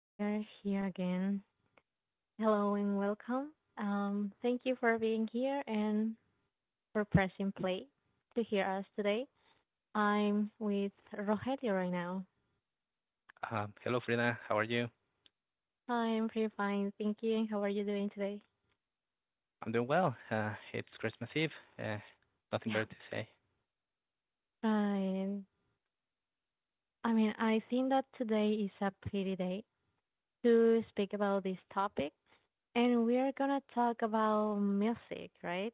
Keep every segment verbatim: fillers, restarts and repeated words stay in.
we are here again. Hello and welcome. Um, thank you for being here and for pressing play to hear us today. I'm with Rogelio right now. Um, hello, Frida. How are you? I'm pretty fine, thank you. How are you doing today? I'm doing well. Uh, it's Christmas Eve. Uh, Nothing Yeah, better to say. fine. I mean, I think that today is a pretty day to speak about this topic, and we are gonna talk about music, right?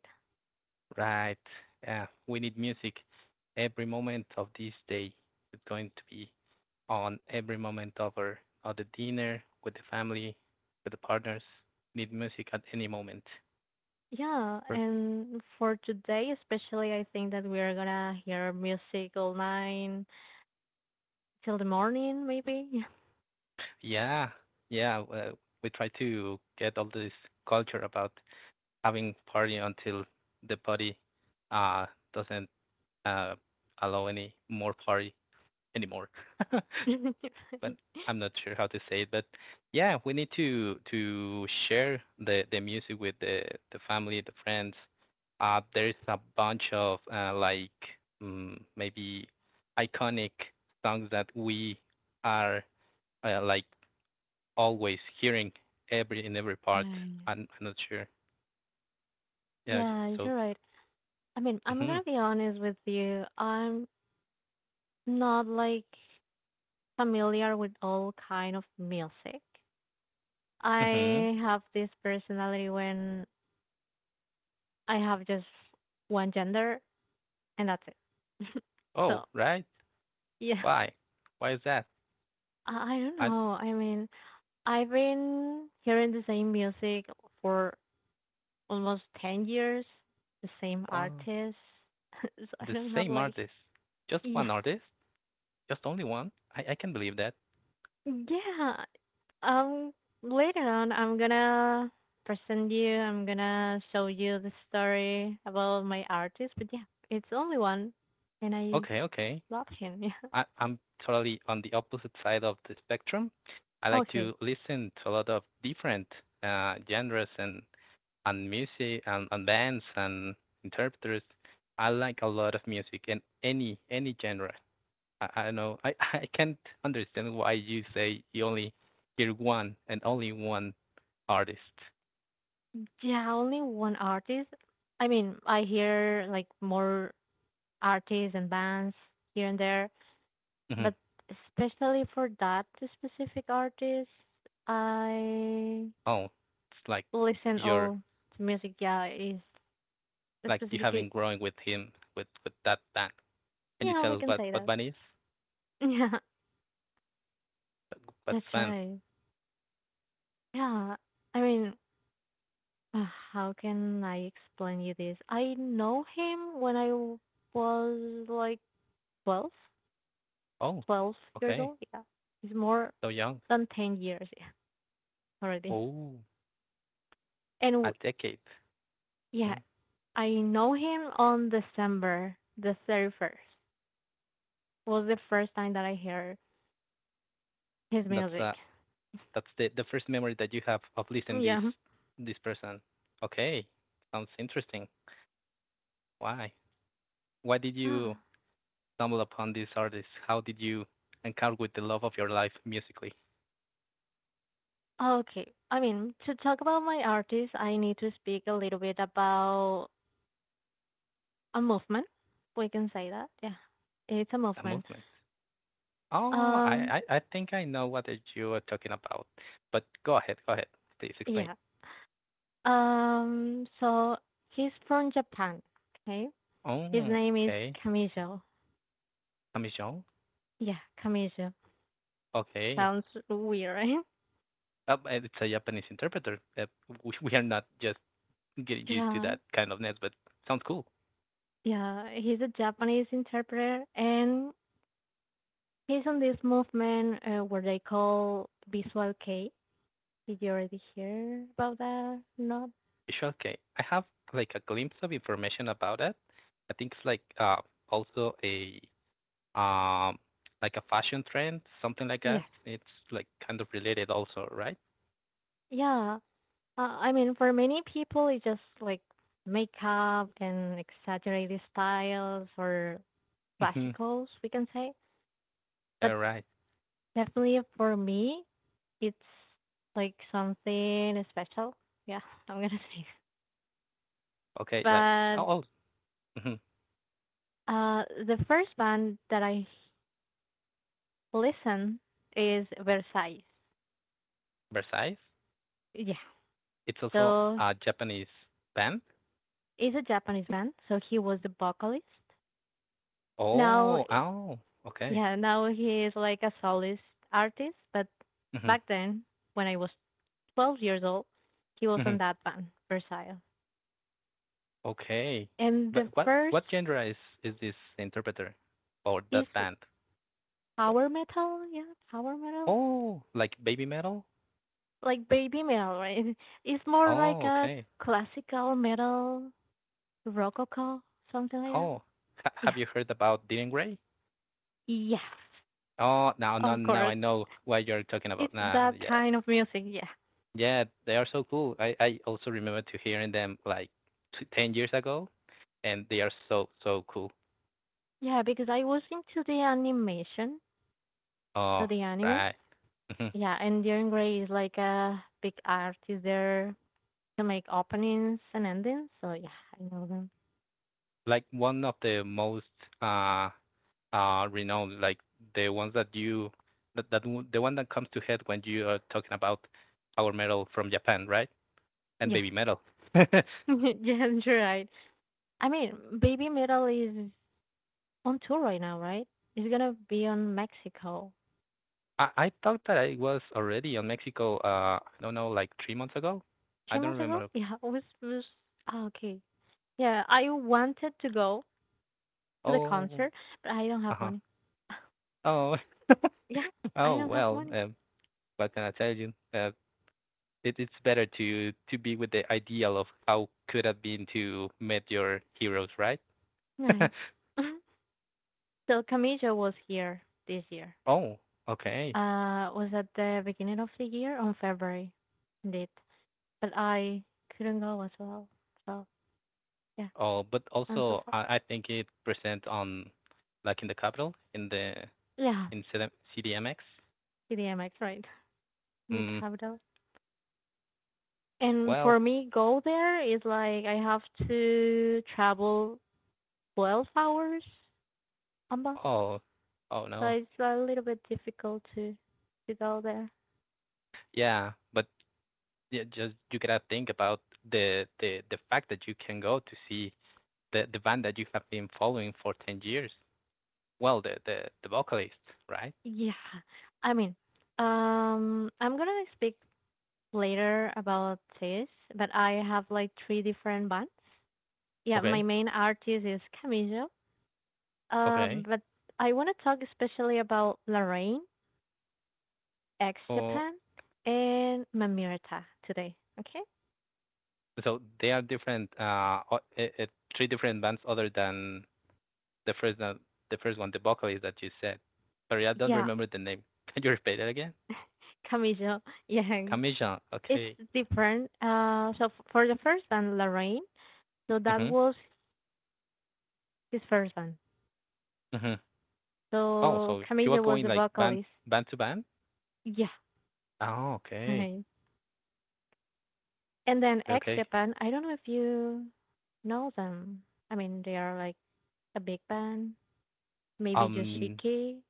Right. Uh, we need music. Every moment of this day is going to be on every moment of our of the dinner with the family, with the partners. Need music at any moment. Yeah, Per- and for today especially, I think that we are gonna hear music all night till the morning, maybe. Yeah, yeah. Uh, We try to get all this culture about having party until the body uh, doesn't uh, allow any more party. Anymore. but I'm not sure how to say it. But yeah, we need to to share the the music with the the family, the friends. Uh, there's a bunch of uh, like mm, maybe iconic songs that we are uh, like always hearing every in every part. Right. I'm, I'm not sure. Yeah. j- Yeah, So. you're right. I mean, I'm Mhm. gonna be honest with you. I'm not like familiar with all kind of music. Mhm. I have this personality when I have just one gender and that's it. Oh, So, right. yeah. Why? Why is that? I I don't I. know. I mean, I've been hearing the same music for almost ten years, the same Well, artist. So I the don't have same like, artist. Just yeah, one artist. Just only one? I, I can believe that. yeah. Um, Later on, I'm gonna present you, I'm gonna show you the story about my artist, but yeah, it's only one, and I Okay, okay. love him, I, yeah. I'm totally on the opposite side of the spectrum. I like Okay. to listen to a lot of different uh, genres and, and music and, and bands and interpreters. I like a lot of music and any any genre. I, I know I, I can't understand why you say you only hear one and only one artist. Yeah, only one artist. I mean, I hear like more artists and bands here and there. Hmm. But especially for that specific artist, I Oh, it's like listen you're all to music. Yeah, is like you specifically. haven't grown with him with with that band. Can you Yeah, tell we us can what say what that. band is? Yeah, What's that's band? right. Yeah, I mean, uh, how can I explain you this? I know him when I w- was like twelve, Oh, twelve years okay. old. Yeah, it's more So young. than ten years yeah, already. Oh, And a w- decade. yeah, Mm. I know him on December the thirty-first. Was the first time that I heard his That's uh music. that's the the first memory that you have of listening this Yeah. this person. Okay. Sounds interesting. Why? Why did you stumble upon this artist? How did you encounter with the love of your life musically? Okay. I mean, to talk about my artist, I need to speak a little bit about a movement. We can say that. Yeah. It's a A movement. movement. Oh, Um, I, I, I think I know what that you are talking about. But go ahead, go ahead. Please explain. yeah. Um, so he's from Japan. Okay. His Oh, name is okay. Kamijo. Kamisong? Yeah, Kamijo. Okay. Sounds weird, right? Uh, it's a Japanese interpreter. Uh, we, we are not just getting used to Yeah. that kind of net, but sounds cool. Yeah. He's a Japanese interpreter and he's on this movement uh, where they call Visual K. Did you already hear about that? Not It's okay. I have like a glimpse of information about it. I think it's like uh, also a um like a fashion trend, something like that. yes. It's like kind of related also, right? Yeah, uh, I mean, for many people, it's just like makeup and exaggerated styles or Mm-hmm. classicals, we can say. But All right. definitely for me, it's like something special. Yeah, I'm gonna say. Okay. Like But oh, oh, hmm. uh, the first band that I listen is Versailles. Versailles. Yes, It's also so a Japanese band. he's a Japanese band. So he was the vocalist. Now, Oh, oh. Okay. yeah, now he is like a soloist artist. But Mm-hmm. back then, when I was twelve years old, he was Mm-hmm. on that band, Versailles. Okay. And But the what first what genre is is this interpreter or is that band? What? power metal. Yeah, power metal, Oh, like baby metal? like baby metal, right? It's more like Oh, a okay. classical metal, rococo, something like that. Oh, ha have Yeah. you heard about Dylan Gray? Yes, Oh, now no of now I course. know what you're talking about It's now. that Yeah. kind of music, yeah. Yeah, they are so cool. I I also remember to hearing them like t ten years ago and they are so so cool. Yeah, because I was into the animation, so Oh, the anime. right. Mhm. Yeah, and Darren Gray is like a big artist there to make openings and endings. So yeah, I know them. Like one of the most uh uh renowned, like the ones that you that that one- the one that comes to head when you are talking about power metal from Japan, right? And Yeah, baby metal. I yeah, you're right. I mean, Baby Metal is on tour right now, right? It's gonna be on Mexico. I thought that I was already on Mexico. Uh, I don't know, like three months ago. I Three don't months ago? remember. Yeah, it was it was ah, okay. Yeah, I wanted to go to the Oh, concert, but I don't uh have huh. money. Oh, Yeah, I oh don't have well. money. Um, what can I tell you? Uh, it, it's better to to be with the ideal of how could have been to meet your heroes, right? Right. So Camilla was here this year. Oh, okay. Uh, was at the beginning of the year on February, indeed. But I couldn't go as well. So yeah, Oh, but I'm so also sad. I, I think it present on like in the capital in the Yeah, in C D- C D M X. C D M X, right? In the Mm, capital. And for well, me, go there is like I have to travel twelve hours on bus, oh, oh so no, it's a little bit difficult to to go there. yeah, but yeah, just you gotta think about the the the fact that you can go to see the the band that you have been following for ten years. Well, the the the vocalist, right? Yeah, I mean, um, I'm gonna speak later about this, but I have like three different bands. Yeah, my Okay, main artist is Camillo. Um, okay. but I want to talk especially about Lorraine, ex Oh, Japan, and Mamirta today. Okay? so they are different uh o- eh, eh, three different bands other than the first one, the first one, the vocalist that you said. Sorry, I don't Yeah, remember the name. Can you repeat it again? Camillo. Yeah, Kamisha. it's Okay. different. Uh, so f- for the first band, Lorraine, so that Mhm. was his first band. Mhm. Oh, So so she was Camillo was going the like band vocalist. band to band. Yeah, Oh, okay. right. And then Okay. X Okay. Japan, I don't know if you know them. I mean, they are like a big band. Maybe Um, Yoshiki.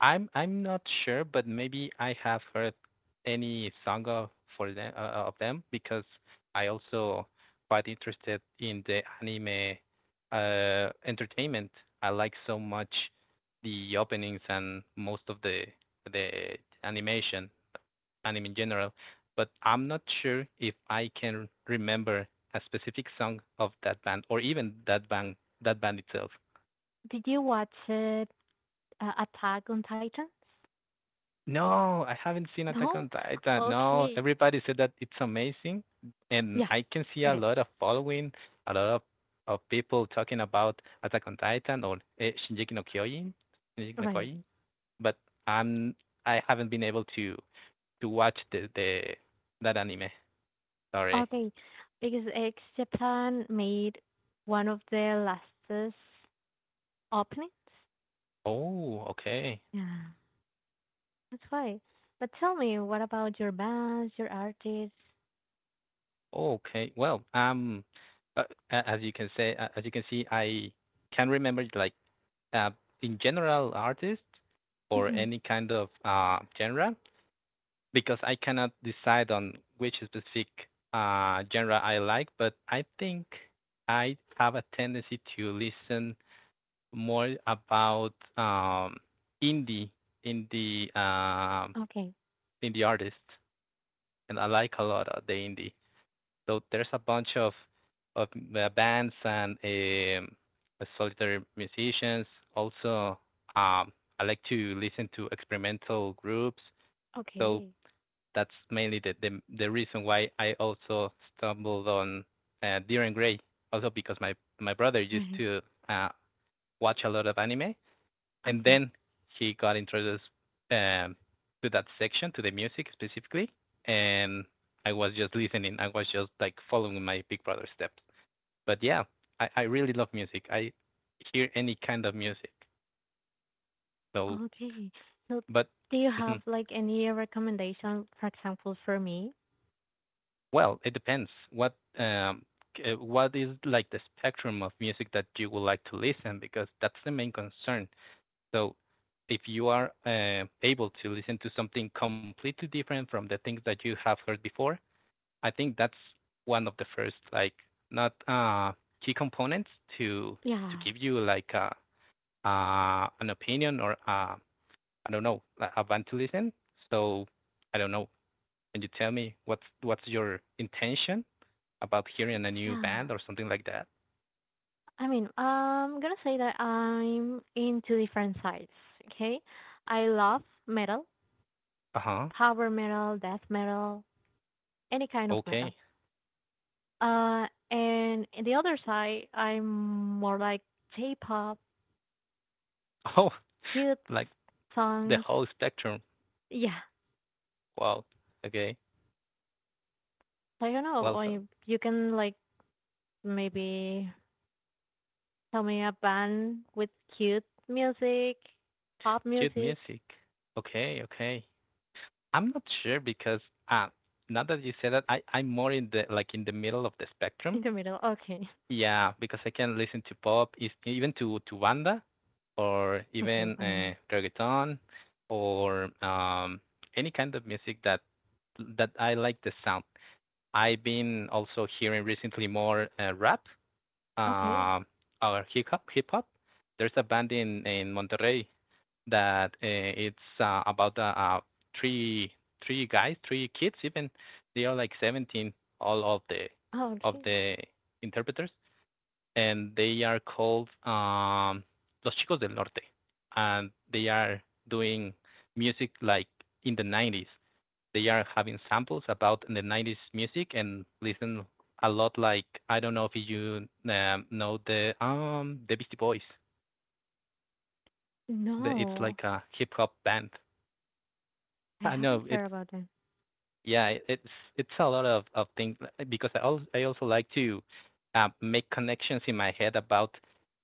I'm I'm not sure, but maybe I have heard any song of for them uh, uh, of them because I also quite interested in the anime uh entertainment. I like so much the openings and most of the the animation, anime in general, but I'm not sure if I can remember a specific song of that band or even that band that band itself. Did you watch it? Uh, Attack on Titan? No, I haven't seen Attack No? on Titan. No, Okay. everybody said that it's amazing, and Yeah, I can see a it is. lot of following, a lot of, of people talking about Attack on Titan or uh, Shingeki no Kyojin, Shingeki no Right. Kyojin, but I'm I haven't been able to to watch the the that anime. Sorry. Okay. Because X Japan made one of their lastest openings. Oh, okay. Yeah, that's why. But tell me, what about your bands, your artists? Okay. Well, um, uh, a- as you can say, uh, as you can see, I can remember like uh, in general artist or any kind of uh, genre because I cannot decide on which specific uh, genre I like, but I think I have a tendency to listen more about um, indie indie um Okay. indie artists, and I like a lot of the indie. So there's a bunch of of uh, bands and um, uh, solitary musicians. Also, um, I like to listen to experimental groups. So Okay. that's mainly the the, the reason why I also stumbled on uh, Deer and Gray. Also because my my brother used to uh, watch a lot of anime, and Okay. then he got introduced um, to that section, to the music specifically, and I was just listening. I was just like following my Big Brother steps. But yeah, I, I really love music. I hear any kind of music. So, Okay. So but do you mm-hmm. have like any recommendation, for example, for me? Well, it depends. What um, uh, what is like the spectrum of music that you would like to listen? Because that's the main concern. So, if you are uh, able to listen to something completely different from the things that you have heard before, I think that's one of the first like not uh key components to to Yeah. give you like a uh an opinion or uh I don't know like, I want to listen. So I don't know. Can you tell me what's what's your intention about hearing a new Yeah. band or something like that? I mean, I'm gonna say that I'm into different sides, okay? I love metal, Uh huh. power metal, death metal, any kind of metal. Okay. Uh, and in the other side, I'm more like J-pop, Oh, cute like the songs. whole spectrum. Yeah. Wow. Okay. I don't know, Well, or so, you can like maybe tell me a band with cute music, pop cute music music. Okay. Okay. I'm not sure because uh, now that you say that, I I'm more in the like in the middle of the in spectrum. the middle. Okay. Yeah, because I can listen to pop, is- even to to banda or Okay, even Wanda. uh, reggaeton or um any kind of music that that I like the sound. I've been also hearing recently more uh, rap, Okay. um, or hip hop. Hip hop. There's a band in in Monterrey that uh, it's uh, about uh, uh, three three guys, three kids. Even they are like seventeen, all of the Oh, of okay. the interpreters, and they are called um, Los Chicos del Norte, and they are doing music like in the nineties. They are having samples about the nineties music and listen a lot like I don't know if you um, know the um the Beastie Boys. The, it's No, like a hip hop band. I I haven't know it's heard about that. Yeah, it- it's it's a lot of of things uh, because I also I also like to uh, make connections in my head about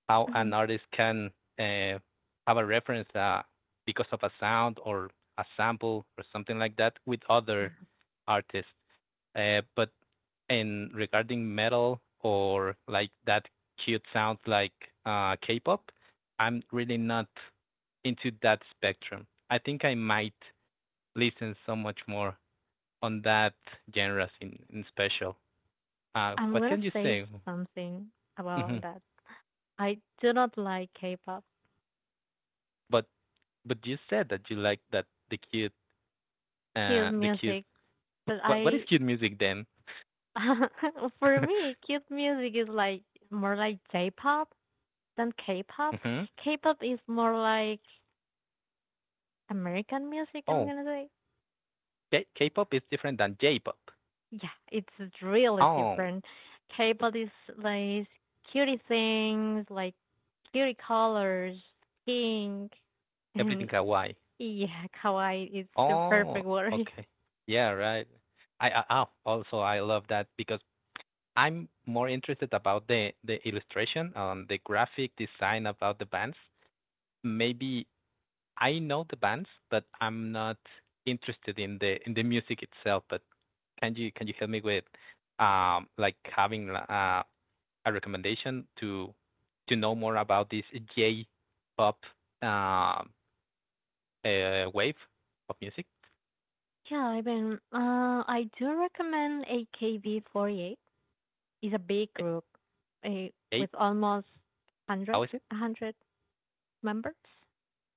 how Mhm. an artist can uh, have a reference uh, because of a sound or a sample or something like that with other artists. Uh, but in regarding metal or like that cute sounds like uh, K-pop, I'm really not into that spectrum. I think I might listen so much more on that genres in, in special. Uh, I'm What gonna can you say say? something about Hmm. that. I do not like K-pop, But but you said that you like that the cute uh cute the cute music, but what what is I, cute music then? for me, cute music is like more like J-pop than K-pop. Hmm. K-pop is more like American music, Oh, I'm gonna say. K- K-pop is different than J-pop. Yeah, it's really Oh, different. K pop displays cutie things like cutie colors, pink, everything and kawaii. yeah, kawaii is the Oh, perfect word. okay. Yeah, right. I, I oh, also I love that because I'm more interested about the the illustration and the graphic design about the bands. Maybe I know the bands, but I'm not interested in the in the music itself. But can you can you help me with um like having uh, a recommendation to to know more about this J pop uh, uh wave of music? Yeah, I mean, uh, I do recommend A K B forty-eight. It's a big group, eh, Hey, with almost how one hundred, is it? one hundred members.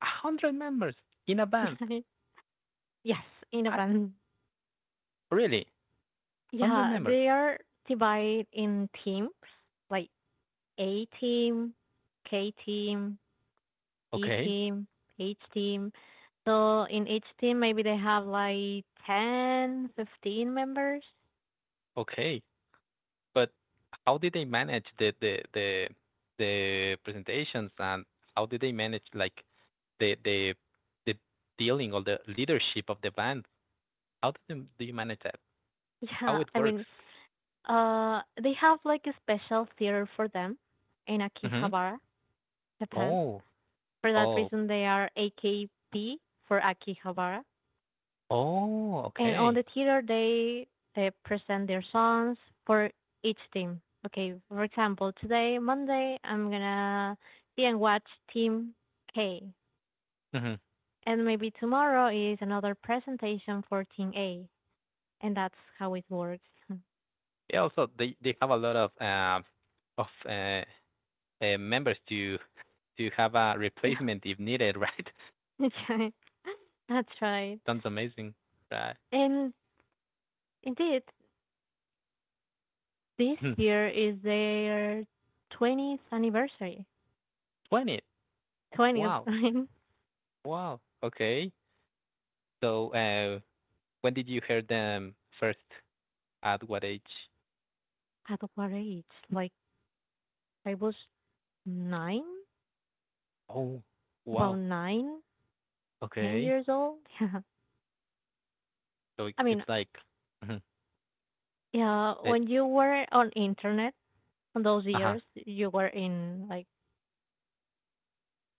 A hundred members in a band. Yes, I in a band. really A hundred Yeah, members. they are divided in teams, like A team, K team, E Okay, team, H team. So in each team, maybe they have like ten, fifteen members. okay. But how did they manage the the the the presentations and how did they manage like the the the dealing or the leadership of the band? How do you, do you manage that? Yeah, How it I works? mean, uh, they have like a special theater for them in Mm-hmm. Akihabara, Japan. Oh, For that oh, reason, they are A K B for Akihabara. oh, And on okay. the theater, they they present their songs for each team. Okay, for example, today Monday, I'm gonna be and watch Team K, Mm-hmm. and maybe tomorrow is another presentation for Team A, and that's how it works. Yeah, also they they have a lot of um of uh, uh members to to have a Yeah, replacement if needed, right? that's right. That's right. Sounds amazing. Right. And indeed, this Hmm. year is their twentieth anniversary. twenty. twentieth. Wow. Wow. Okay. So, uh, when did you hear them first? At what age? At what age? Like I was nine. Oh, About wow. nine, ten Okay. years old. So it, I mean, it's like, mhm, yeah, it, when you were on internet on those uh-huh, years, you were in like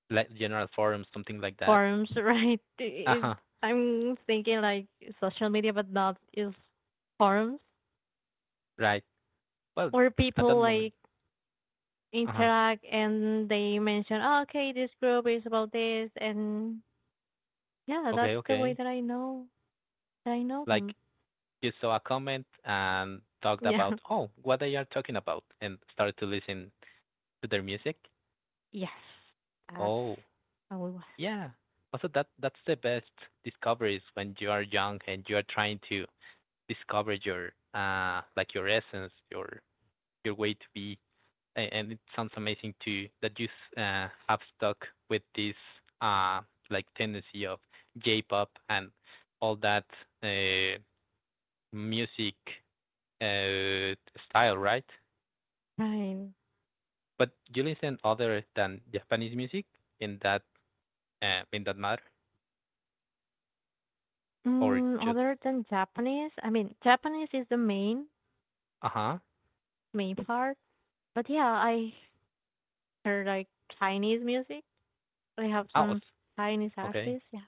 like general forums, something like that. forums, right? It, Uh-huh. I'm thinking like social media, but not is forums Right. Well, where at that people moment, like uh-huh. interact and they mention, oh, okay, this group is about this, and yeah, Okay, that's the way okay. that I know that I know Like them. you saw a comment and talked Yeah. about, oh, what they are talking about, and started to listen to their music. Yes, that's Oh, how it was. yeah. Also, that that's the best discoveries when you are young and you are trying to discover your uh like your essence, your your way to be. A- And it sounds amazing too that you s- uh have stuck with this uh like tendency of J-pop and all that uh music uh style, right? Right. But you listen other than Japanese music in that uh in that matter or Mm, just other than Japanese, I mean, Japanese is the main uh-huh. main part. But yeah, I hear like Chinese music. I have Oh, some Chinese okay. artists. Yeah,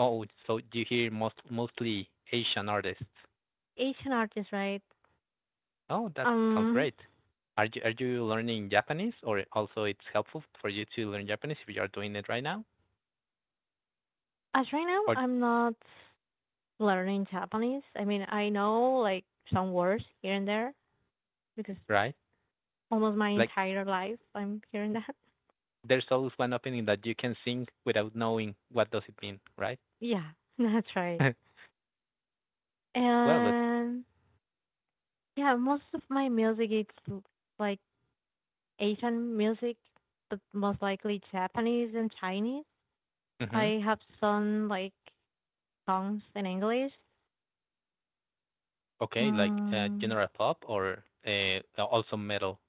Oh, so you hear most mostly Asian artists. Asian artists, right? Oh, that sounds Um, great. Are you are you learning Japanese, or also it's helpful for you to learn Japanese if you are doing it right now? as right now, Or I'm not learning Japanese. I mean, I know like some words here and there because right, almost my like entire life I'm hearing that. there's always one opinion that you can sing without knowing what does it mean, right? Yeah, that's right. Well, but And yeah, most of my music is l- like Asian music, but most likely Japanese and Chinese. mhm. I have some like songs in English. Okay, like uh, Mm, general pop or uh, also metal.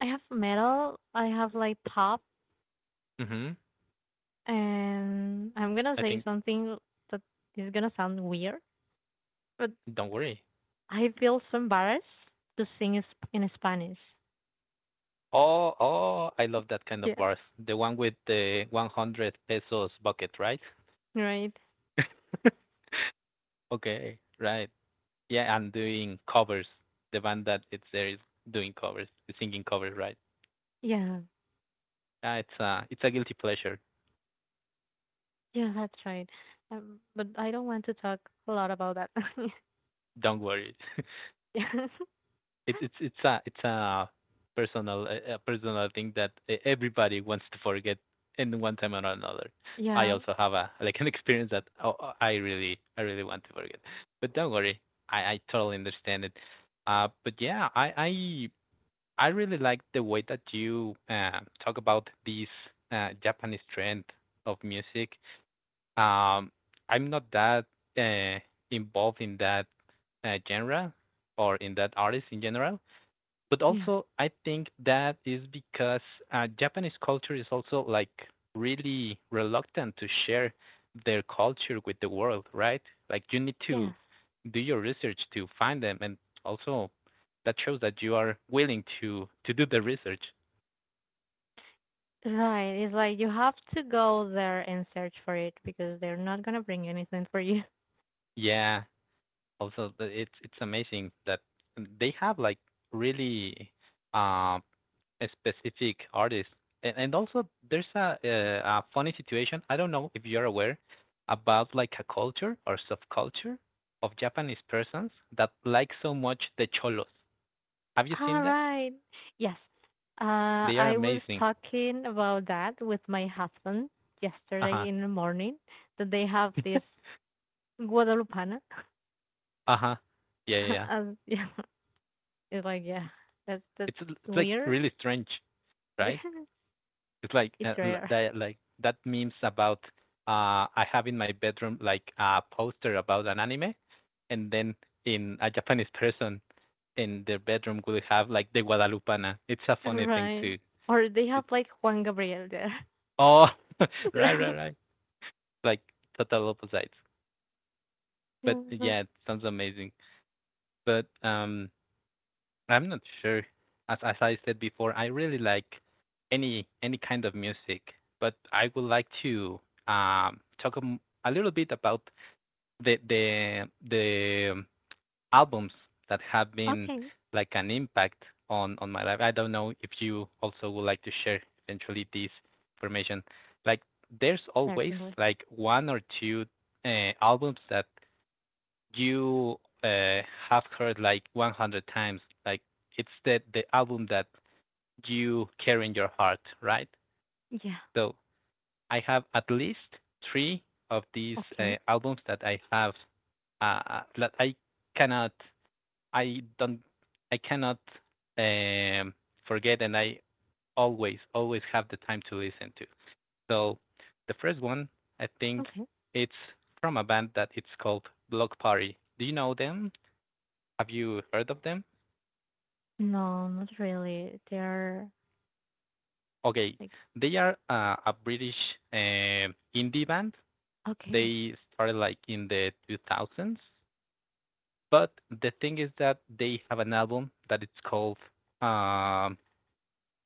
I have metal. I have like pop, Mhm. and I'm gonna I say think something that is gonna sound weird, but don't worry. I feel so embarrassed to sing in Sp- in Spanish. Oh, oh, I love that kind of Yeah, bars. The one with the one hundred pesos bucket, right? right. Okay, right. Yeah, and doing covers. The band that it's there is doing covers, singing covers, right? Yeah, Uh, it's a it's a guilty pleasure. yeah, that's right. Um, but I don't want to talk a lot about that. Don't worry. Yeah, it, it's it's a it's a personal a a personal thing that e- everybody wants to forget in one time or another. I yeah, also have a like an experience that oh, oh, I really I really want to forget. But don't worry, I I totally understand it. Uh, but yeah, I I I really like the way that you uh, talk about this uh, Japanese trend of music. Um, I'm not that uh, involved in that uh, genre or in that artist in general, but yeah. also I think that is because uh, Japanese culture is also like really reluctant to share their culture with the world, right? Like you need to Yes. do your research to find them, and also that shows that you are willing to to do the research. Right. It's like you have to go there and search for it because they're not gonna bring anything for you. Yeah, also the- it's it's amazing that they have like really um a specific artist. And, and also, there's a, a a funny situation. I don't know if you're aware about like a culture or subculture of Japanese persons that like so much the cholos. Have you All seen that? right. Yes. Uh, They are I was amazing. talking about that with my husband Uh huh. yesterday in the morning that they have this Guadalupana. Uh huh. Yeah, yeah, yeah. As yeah, it's like yeah, that's that's It's it's like weird. really strange, It's right? It's like uh, l- rare, that like that memes about uh I have in my bedroom like a poster about an anime, and then in a Japanese person in their bedroom would have like the Guadalupana. It's a funny thing right? too. Or they It- have like Juan Gabriel there. Oh, right, Right. right, right. Like total opposites. But Yeah. yeah, it sounds amazing. But um, I'm not sure. As as I said before, I really like any any kind of music. But I would like to um talk a m- a little bit about the the the albums that have been Okay, like an impact on on my life. I don't know if you also would like to share eventually this information. Like there's always certainly. like one or two uh, albums that you uh, have heard like a hundred times. Like it's the the album that you carry in your heart, right? Yeah. So I have at least three of these uh, Okay. albums that I have uh, that I cannot I don't I cannot um, forget, and I always always have the time to listen to. So the first one I think Okay. it's from a band that it's called Block Party. Do you know them? Have you heard of them? No, not really. They are Okay, like they are uh, a British uh, indie band. okay, They started like in the two thousands, but the thing is that they have an album that it's called um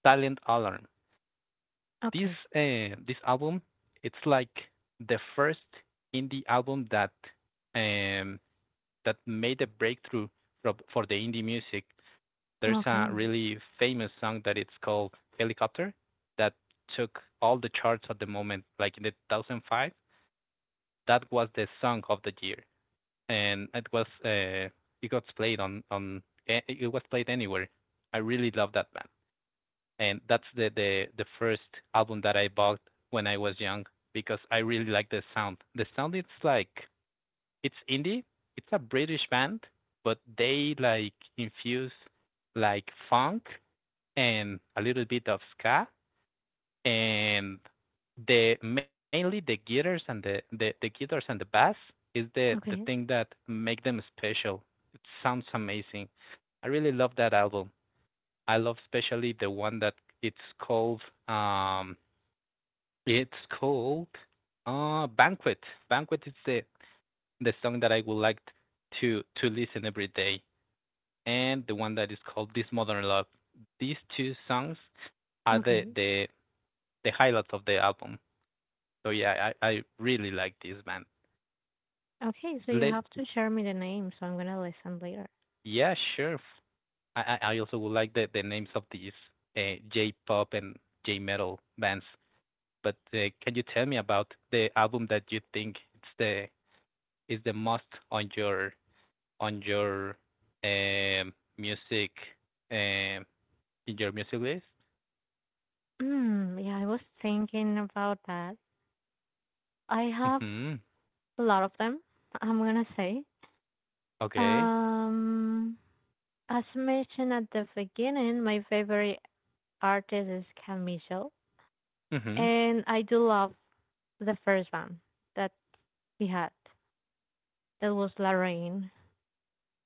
Silent Alarm. This okay, uh, this album, it's like the first indie album that um, that made a breakthrough for, for the indie music. There's a okay, really famous song that it's called Helicopter that took all the charts at the moment, like in the two thousand five. That was the song of the year, and it was uh, it got played on on eh, it was played anywhere. I really love that band and that's the the the first album that I bought when I was young because I really like the sound. The sound it's like it's indie. It's a British band, but they like infuse like funk and a little bit of ska and the mainly the guitars and the the, the guitars and the bass is the the thing okay, that make them special. It sounds amazing. I really love that album. I love especially the one that it's called um it's called uh Banquet. Banquet is the the song that I would like to to listen every day and the one that is called This Modern Love. These two songs are the okay, the the highlights of the album. So yeah, I I really like this band. okay. So you Let have to share me the name, so I'm gonna listen later. yeah, sure. I I I also would like the the names of these uh, J-pop and J-metal bands but uh, can you tell me about the album that you think it's the is the most on your on your um, music um, in your music list? Mm, yeah, I was thinking about that. I have Mm-hmm. a lot of them. I'm gonna say. Okay. Um, as mentioned at the beginning, my favorite artist is Camisho, Mm-hmm. and I do love the first one that we had. That was Lorraine.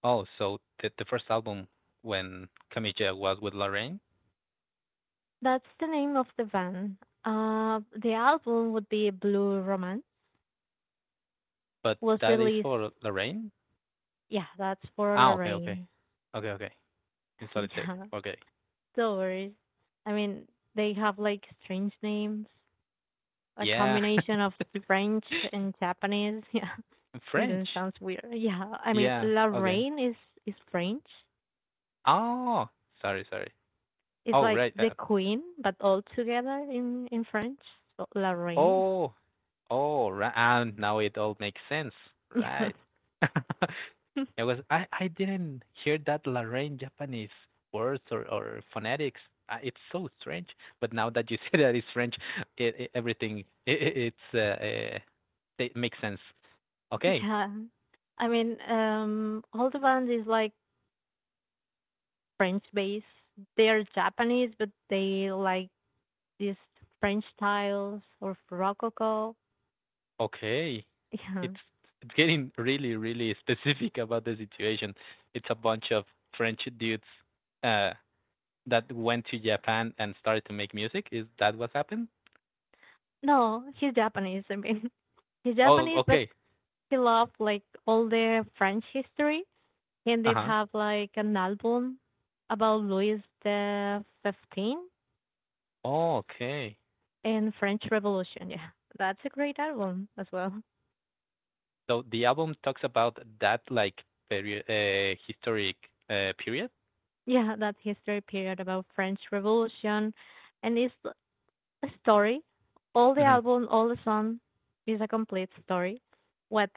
Oh, so the, the first album when Camilla was with Lorraine, That's the name of the van. Uh, the album would be Blue Romance. but Was that is released. for Lorraine? Yeah, that's for Ah, okay, okay. Lorraine. Okay, okay. In solitaire. Yeah, Okay. no worries. I mean, they have like strange names, a Yeah. combination of French and Japanese. Yeah, and then French. it sounds weird. Yeah, I mean, Yeah, okay. Lorraine is is French. Oh, sorry, sorry. It's Oh, like right. the Uh, queen, but all together in in French. So Lorraine. oh, oh, right. And now it all makes sense. Right. Yeah. It was I I didn't hear that Lorraine Japanese words or or phonetics. Uh, It's so strange. But now that you say that it's French, it, it everything it, it it's uh, uh it makes sense. Okay, Yeah. I mean, um, Hold is like French based. They are Japanese, but they like these French styles or Rococo. okay. Yeah. It's it's getting really really specific about the situation. It's a bunch of French dudes uh that went to Japan and started to make music? Is that what happened? No, he's Japanese. I mean, he's Oh, Japanese, but okay. he loved like all the French history. He Uh did huh. have like an album about Louis the Fifteen Oh, okay. and French Revolution. Yeah, that's a great album as well. So the album talks about that like period, uh, historic uh, period. Yeah, that history period about French Revolution and it's a story. All the Mhm. album, all the song is a complete story. What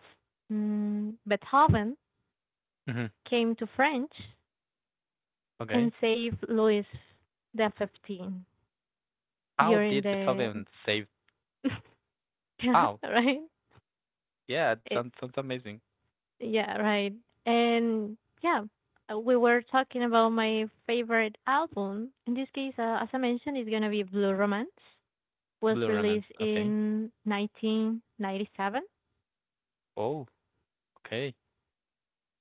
mm, Beethoven Mhm. came to French and Okay. saved Louis the Fifteen How during did the Beethoven save? yeah Wow. right Yeah, it it, sounds sounds amazing. yeah right and yeah uh, we were talking about my favorite album. In this case, uh, as I mentioned, it's gonna be Blue Romance was Blue released Romance. Okay. in nineteen ninety-seven. Oh, okay.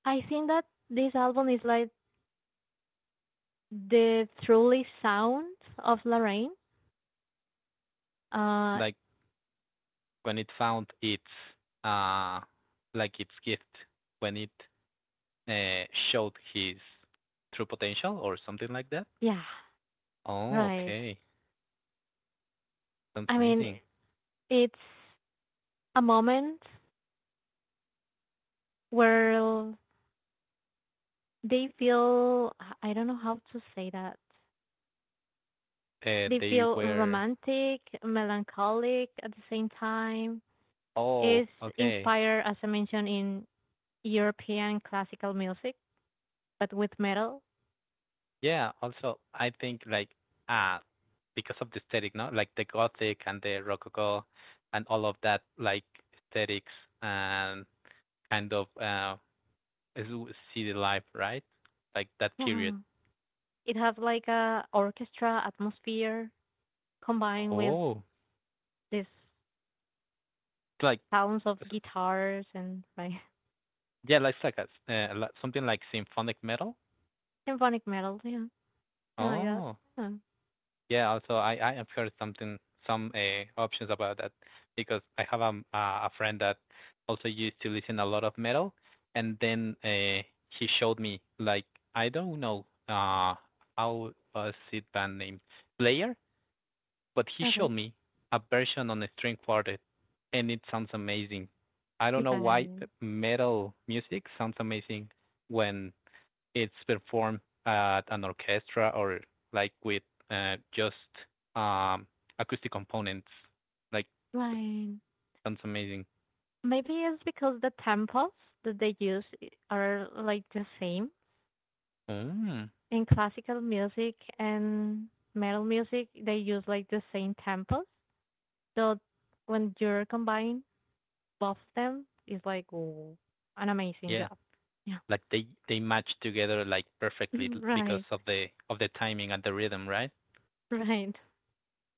I think that this album is like the truly sound of Lorraine. Uh, Like when it found its uh like its gift when it uh, showed his true potential or something like that. yeah, Oh, right. okay. Sounds I mean, amazing. it's a moment where they feel, I don't know how to say that. Uh, They they feel were. romantic, melancholic at the same time. Oh, It's okay. inspired, as I mentioned, in European classical music, but with metal. Yeah. Also, I think like uh because of the aesthetic, no, like the Gothic and the Rococo, and all of that like aesthetics and kind of uh is w- city life, right? Like that period. Yeah. It has like a orchestra atmosphere combined with Oh, these it's like sounds of guitars and like yeah, like it's like a, s- uh, like- something like symphonic metal. symphonic metal, yeah, something like that. Oh. Yeah. Yeah, also I I have heard something some uh, options about that because I have a m- uh, a a friend that also used to listen a lot of metal, and then uh, he showed me like I don't know uh how was it band name Slayer, but he showed Okay, me a version on a string quartet, and it sounds amazing. I don't know why uh, fine, metal music sounds amazing when it's performed at an orchestra or like with uh, just um, acoustic components. Like that fine. sounds amazing. Maybe it's because the tempos that they use i- are like the same Mm, in classical music and metal music. They use like the same tempos, so when you're combining both of them, it's like oh, an amazing yeah, job. Yeah, like they they match together like perfectly because right. of the of the timing and the rhythm, right? Right.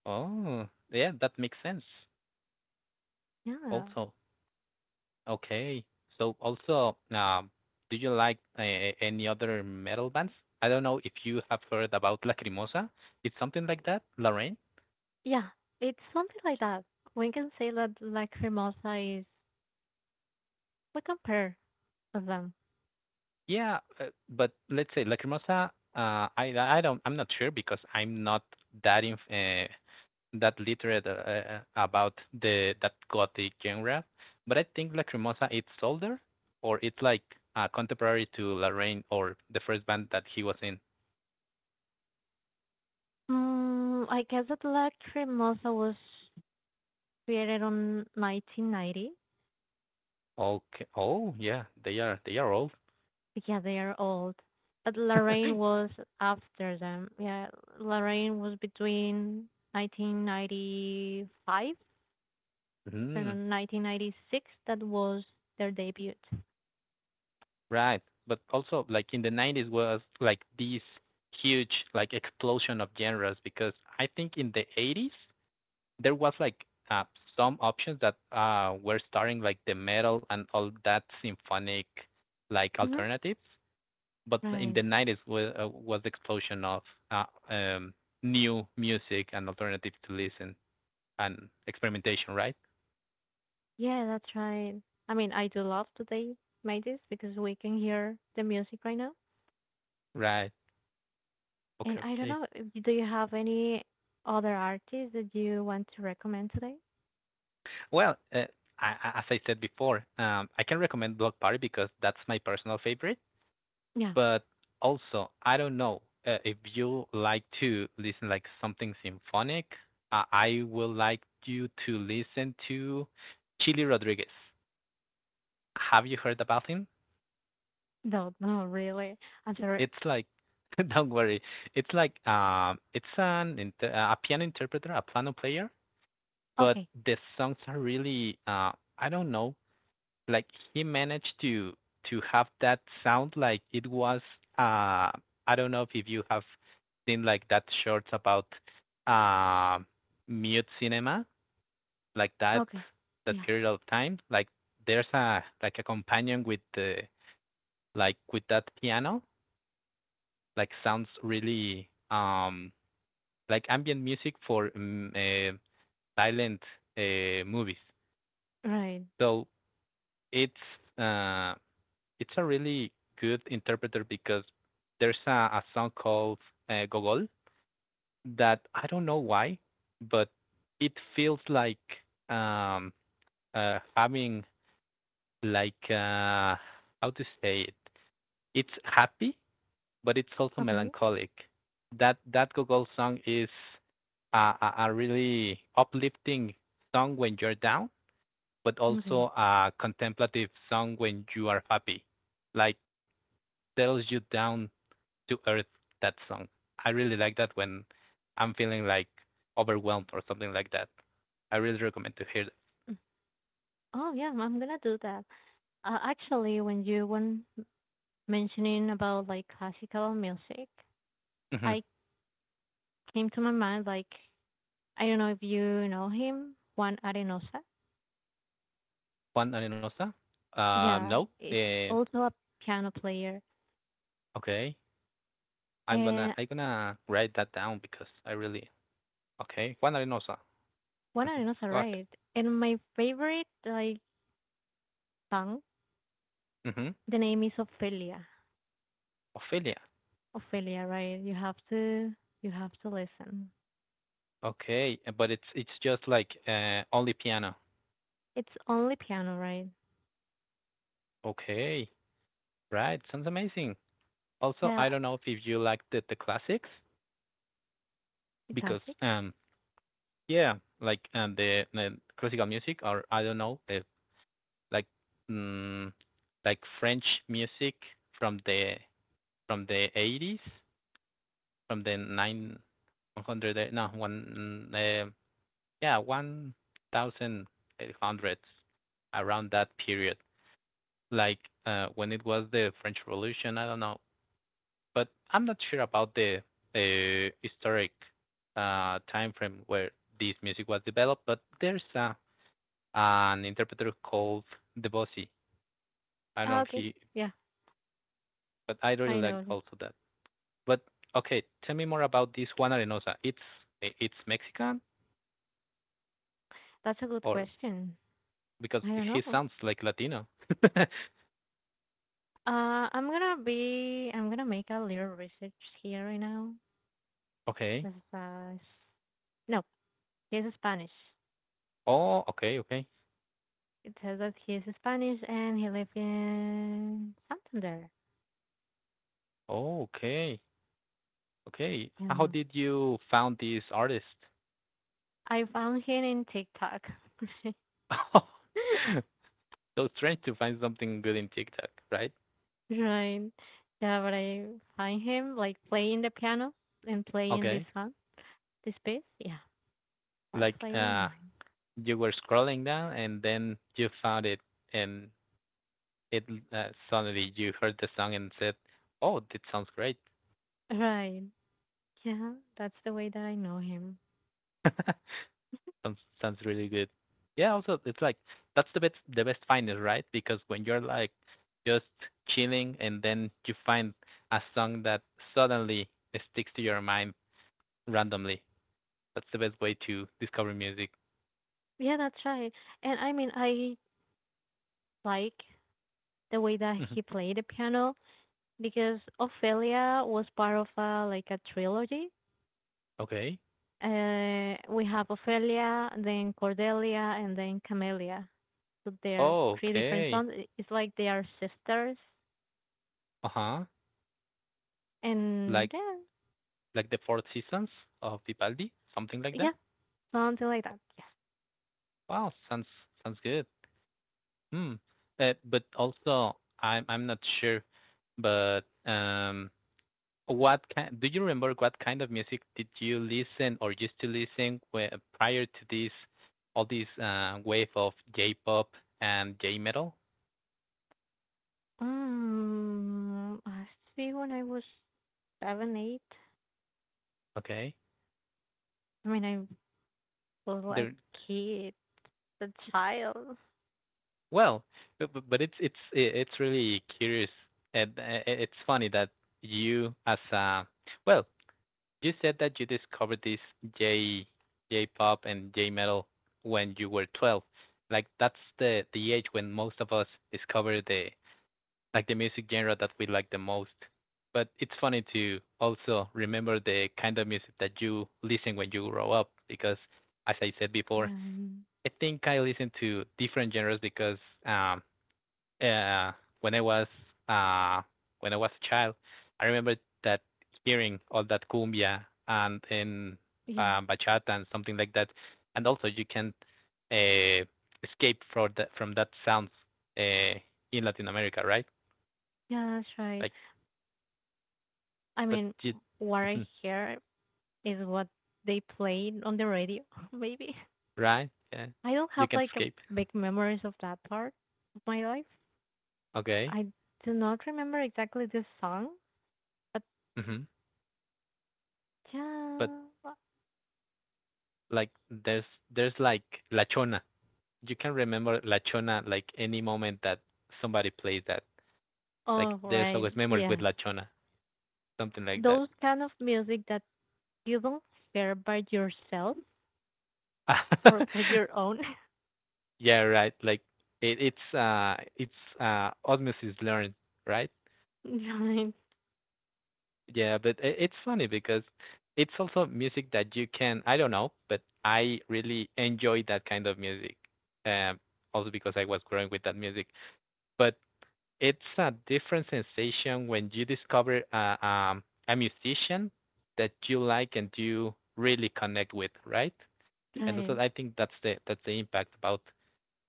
Oh, yeah, that makes sense. Yeah. Also, okay. So also, um, do you like uh, any other metal bands? I don't know if you have heard about Lacrimosa. It's something like that, Lorraine. Yeah. It's something like that. We can say that Lacrimosa is we compare of them. Yeah, uh, but let's say Lacrimosa. Uh, I I don't. I'm not sure because I'm not that in uh, that literate uh, uh, about the that gothic genre. But I think Lacrimosa it's older, or it's like uh, contemporary to Lorraine or the first band that he was in. Mm, I guess that Lacrimosa was created on nineteen ninety. Okay. Oh yeah, they are they are old. But yeah, they are old. But Lorraine was after them. Yeah, Lorraine was between nineteen ninety-five Mm, and nineteen ninety-six. That was their debut. right. But also, like in the nineties was like this huge like explosion of genres because I think in the eighties there was like uh, some options that uh, were starting like the metal and all that symphonic like hmm alternatives. But in Right. the nineties was, uh, was the explosion of uh, um, new music and alternatives to listen and experimentation, right? Yeah, that's right. I mean, I do love that they made this because we can hear the music right now. Right. And Okay. I don't Okay. know, if- do you have any other artists that you want to recommend today? Well, uh, I, as I said before, um, I can recommend Block Party because that's my personal favorite Yeah. but also I don't know uh, if you like to listen like something symphonic. Uh, I would like you to listen to Chili Rodriguez. Have you heard about him? No, no, really. I'm sorry. It's like don't worry. It's like um it's an inter- a piano interpreter, a piano player, but Okay. the songs are really uh I don't know, like he managed to to have that sound like it was, uh I don't know if you have seen like that shorts about uh mute cinema, like that, Okay. that Yeah. period of time, like there's a, like a companion with the, like with that piano, like sounds really, um like ambient music for um, uh, silent uh, movies. Right. So it's uh it's a really good interpreter because there's a, a song called uh, Gogol that I don't know why, but it feels like um uh having like uh how to say it, it's happy but it's also Okay. melancholic. That that Gogol song is a, a, a really uplifting song when you're down, but Okay. also a contemplative song when you are happy. Like tells you down to earth, that song. I really like that when I'm feeling like overwhelmed or something like that. I really recommend to hear that. Mm. Oh, yeah, I'm gonna do that. Uh, actually, when you were m- mentioning about like classical music, Hmm I came to my mind like I don't know if you know him, Juan Arenosa. Juan Arenosa? Um, Yeah, No. it's Eh, also a piano player. okay. I'm And gonna I'm gonna write that down because I really okay. Juan Arenosa. Juana Mhm. Reynosa, Go ahead. right? And my favorite like song, Hmm the name is Ophelia. Ophelia. Ophelia, right? You have to you have to listen. Okay, uh, but it's it's just like uh, only piano. It's only piano, right? Okay, right. Sounds amazing. Also, Yeah, I don't know if you like the, the classics the because classic. um yeah, like and the, the classical music, or I don't know, uh, like mm, like French music from the, from the eighties, from the nine one hundred, eh, no one, uh, yeah, one thousand eight hundreds, around that period, like, uh, when it was the French Revolution. I don't know, but I'm not sure about the uh, historic uh, time frame where this music was developed. But there's a an interpreter called Debossy. I don't know Ah, if okay. he, Yeah, but I really I liked know. also that. But okay, tell me more about this Juan Arenosa. It's it's Mexican, That's a good or question. because I don't he know. sounds like Latino. Uh, I'm gonna be I'm gonna make a little research here right now. okay. This is, uh, s- no, this is Spanish. Oh, okay, okay. It says that he's Spanish and he lives in Santander. Oh, okay, okay. How Yeah. did you found this artist? I found him in TikTok. so strange to find something good in TikTok, right? Right. Yeah, but I find him like playing the piano and playing this Okay, song, this piece. Yeah, that's like, why I know uh, him. you were scrolling down and then you found it, and it, uh, suddenly you heard the song and said, "Oh, it sounds great. Right. Yeah, that's the way that I know him. sounds sounds really good." Yeah, also it's like that's the best the best find is, right? Because when you're like just chilling and then you find a song that suddenly sticks to your mind randomly. That's the best way to discover music. Yeah, that's right. And I mean, I like the way that Mhm. he played the piano because Ophelia was part of a like a trilogy. Okay. Uh, we have Ophelia, then Cordelia, and then Camelia. So they're Oh, three different okay. sons. I- It's like they are sisters, Uh huh. Like and yeah, like the Four Seasons of Vivaldi, something like that. yeah, something like that. Yes. Wow, sounds sounds good. Hmm. Uh, but also, I'm I'm not sure, but um, what kind? Do you remember what kind of music did you listen or used to listen whe- prior to this, all this uh, wave of J-pop and J-metal? Um, I see when I was seven, eight. Okay, I mean, I was like there. a kid, a child. Well, bu- bu- but it's it's i- it's really curious, and uh, it's funny that you as a, well, you said that you discovered this J J-pop and J-metal when you were twelve. Like that's the the age when most of us discover the, like the music genre that we like the most. But it's funny to also remember the kind of music that you listen when you grow up because as I said before, And I think I listen to different genres because um uh, when I was, uh, when I was a child, I remember that hearing all that cumbia and in yeah, uh, bachata and something like that, and also you can uh, escape from that, from that sounds, uh, in Latin America, right? yeah, that's right. Like, I but mean, you, what I hear is what they played on the radio, maybe. right? Yeah, I don't you have can like a escape. big memories of that part of my life. Okay. I do not remember exactly this song, but hmm But yeah. like, there's there's like La Chona. You can remember La Chona like any moment that somebody plays that. Like Oh, there's right. always memories with Yes. La Chona, something like that. Those kind of music that you don't hear by yourself or by your own. yeah, right. Like it, it's uh it's uh osmosis learned, right? Right. Yeah, but it, it's funny because it's also music that you can, I don't know, but I really enjoy that kind of music. Um, Also because I was growing with that music. But it's a different sensation when you discover uh, um, a musician that you like and you really connect with, right? And Right. so I think that's the that's the impact about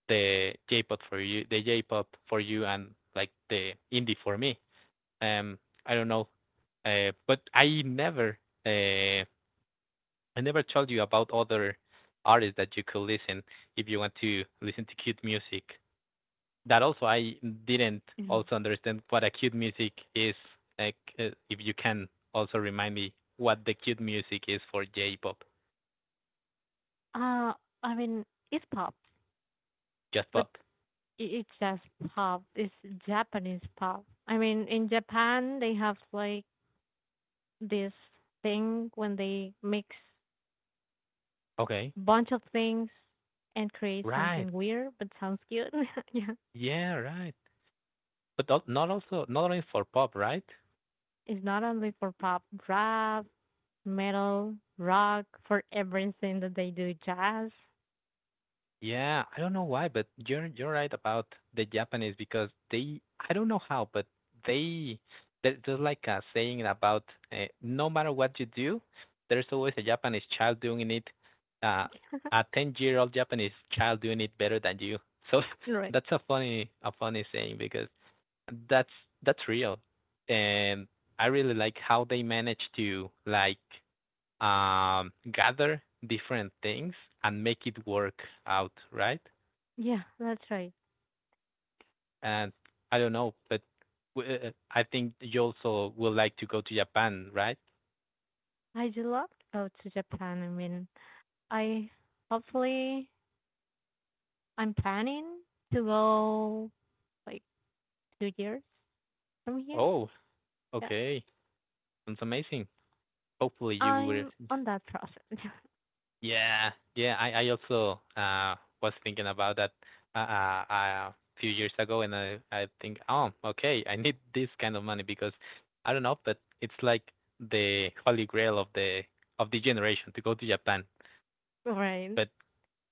the J-pop for you, the J-pop for you, and like the indie for me. Um, I don't know, uh, but I never, uh, I never told you about other artists that you could listen if you want to listen to cute music. That also I didn't Mhm. also understand what a cute music is. Like, uh, if you can also remind me what the cute music is for J-pop, Uh, I mean, it's pop, just but pop. i- it's just pop. It's Japanese pop. I mean, in Japan, they have like this thing when they mix Okay. bunch of things and create Right. something weird but sounds cute. Yeah. Yeah. Right. But al- not also not only for pop, right? It's not only for pop, rap, metal, rock, for everything that they do, jazz. Yeah, I don't know why, but you're you're right about the Japanese because they, I don't know how, but they, there- there's like a saying about, uh, no matter what you do, there's always a Japanese child doing it, uh, a ten year old Japanese child doing it better than you. So Right. that's a funny a funny saying because that's that's real, and I really like how they manage to like, um, gather different things and make it work out, right? Yeah, that's right. And I don't know, but w- uh, I think you also would like to go to Japan, right? I do love to go to Japan. I mean, I hopefully I'm planning to go like two years from here. Oh, Yeah. okay, sounds amazing. Hopefully you will. I'm on that process. Yeah, yeah. I I also uh was thinking about that uh, uh, uh few years ago, and I I think, oh, okay, I need this kind of money because I don't know, but it's like the holy grail of the of the generation to go to Japan. Right. But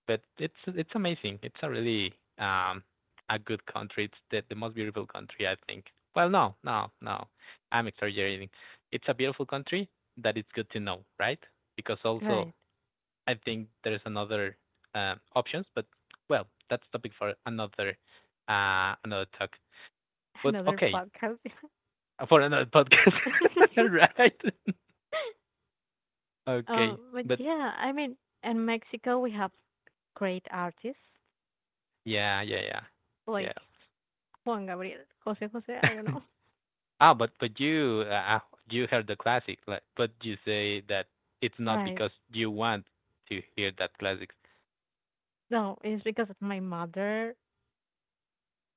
but it's it's amazing. It's a really um a good country. It's the, the most beautiful country, I think. Well, no, no, no. I'm exaggerating. It's a beautiful country that it's good to know, right? Because also Right. I think there's another, uh, options, but well, that's topic for another, uh another talk. But Another okay, podcast. for another podcast, right? Uh, okay, But but yeah, I mean, in Mexico we have great artists yeah, yeah, yeah, like Juan Gabriel, Jose Jose. yeah. I don't know. Ah, but but you, uh, uh, you heard the classic, like, but you say that it's not Right. because you want to hear that classic. No, it's because of my mother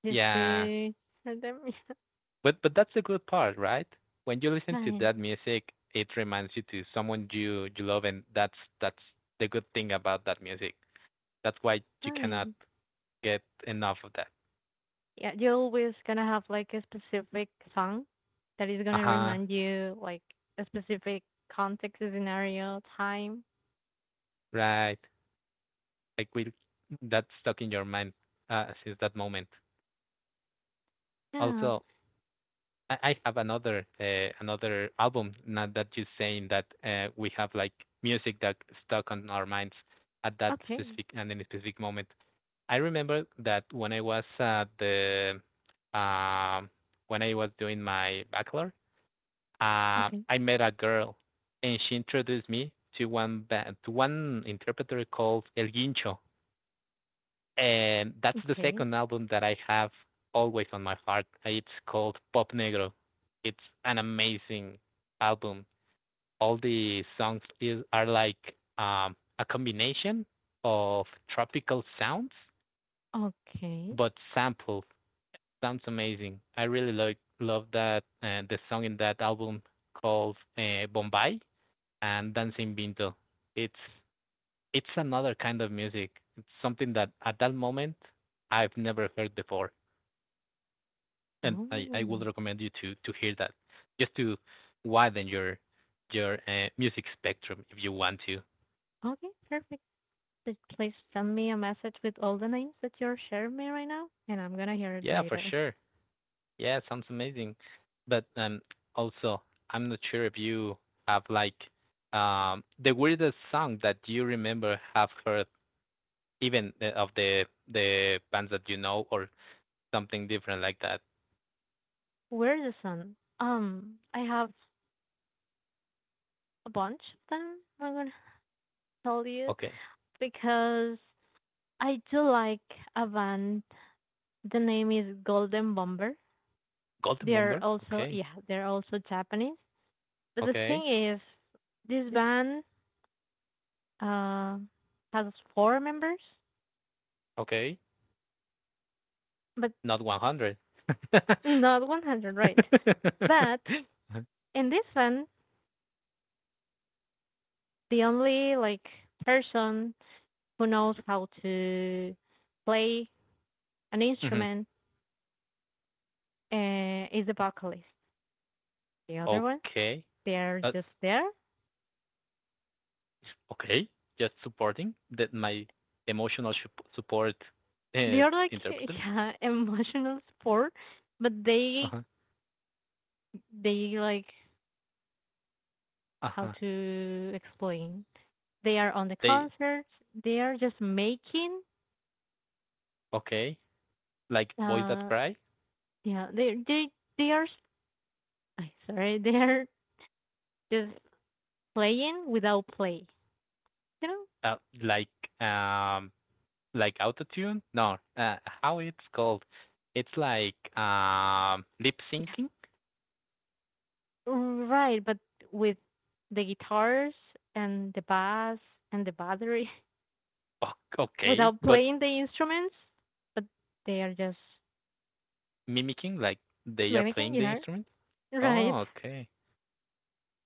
used Yeah, to tell them, yeah, but but that's the good part, right? When you listen to nine, that music, it reminds you to someone you you love, and that's that's the good thing about that music. That's why you cannot nine. get enough of that. Yeah, you're always gonna have like a specific song that is Uh gonna huh. remind you like a specific context, scenario, time. Right. Like we, that's stuck in your mind, uh, since that moment. Yeah. Also, I I have another, uh, another album now that you're saying that, uh, we have like music that stuck on our minds at that Okay. specific and in a specific moment. I remember that when I was at the, um when I was doing my bachelor, uh, Okay. I met a girl and she introduced me to one ba- to one interpreter called El Guincho, and that's the Okay. second album that I have always on my heart. It's called Pop Negro. It's an amazing album. All the songs is, are like, um, a combination of tropical sounds, but Okay. sampled. Sounds amazing. I really like love that, and uh, the song in that album called uh, Bombay and Dancing Binto. It's it's another kind of music. It's something that at that moment I've never heard before. And I, I would Oh. recommend you to to hear that just to widen your your uh, music spectrum if you want to. Okay. Perfect. Please, send me a message with all the names that you're sharing me right now, and I'm gonna hear it Yeah, for later. sure. Yeah, sounds amazing. But um, also I'm not sure if you have like, um the weirdest song that you remember have heard even, uh, of the the bands that you know or something different like that. Where's the sun? Um, I have a bunch of them. I'm gonna tell you Okay, because I do like a band. The name is Golden Bomber. Golden They're Bomber. also Okay, yeah, they're also Japanese. But the okay, thing is, this band uh has four members, okay. but Not one hundred. not one hundred, right? But in this one, the only like person who knows how to play an hmm instrument uh, is the vocalist. The other ones, Okay. they are That's just there. okay. Just supporting that my emotional sup- support They uh, are like interpreter. yeah, emotional support, but Uh-huh. they they like how Uh-huh. to explain. They are on the They concerts. They are just making. okay. Like boys that Uh, cry. yeah, they they they are. I sorry, they are just playing without play. You know. Uh, like um, like autotune. No. Uh, how it's called? It's like um, lip Yeah. syncing. Right, but with the guitars and the bass and the battery Ok- Okay, without but playing the instruments, but they are just mimicking like they are Dominican, playing you the know? instrument. Right. Oh, okay.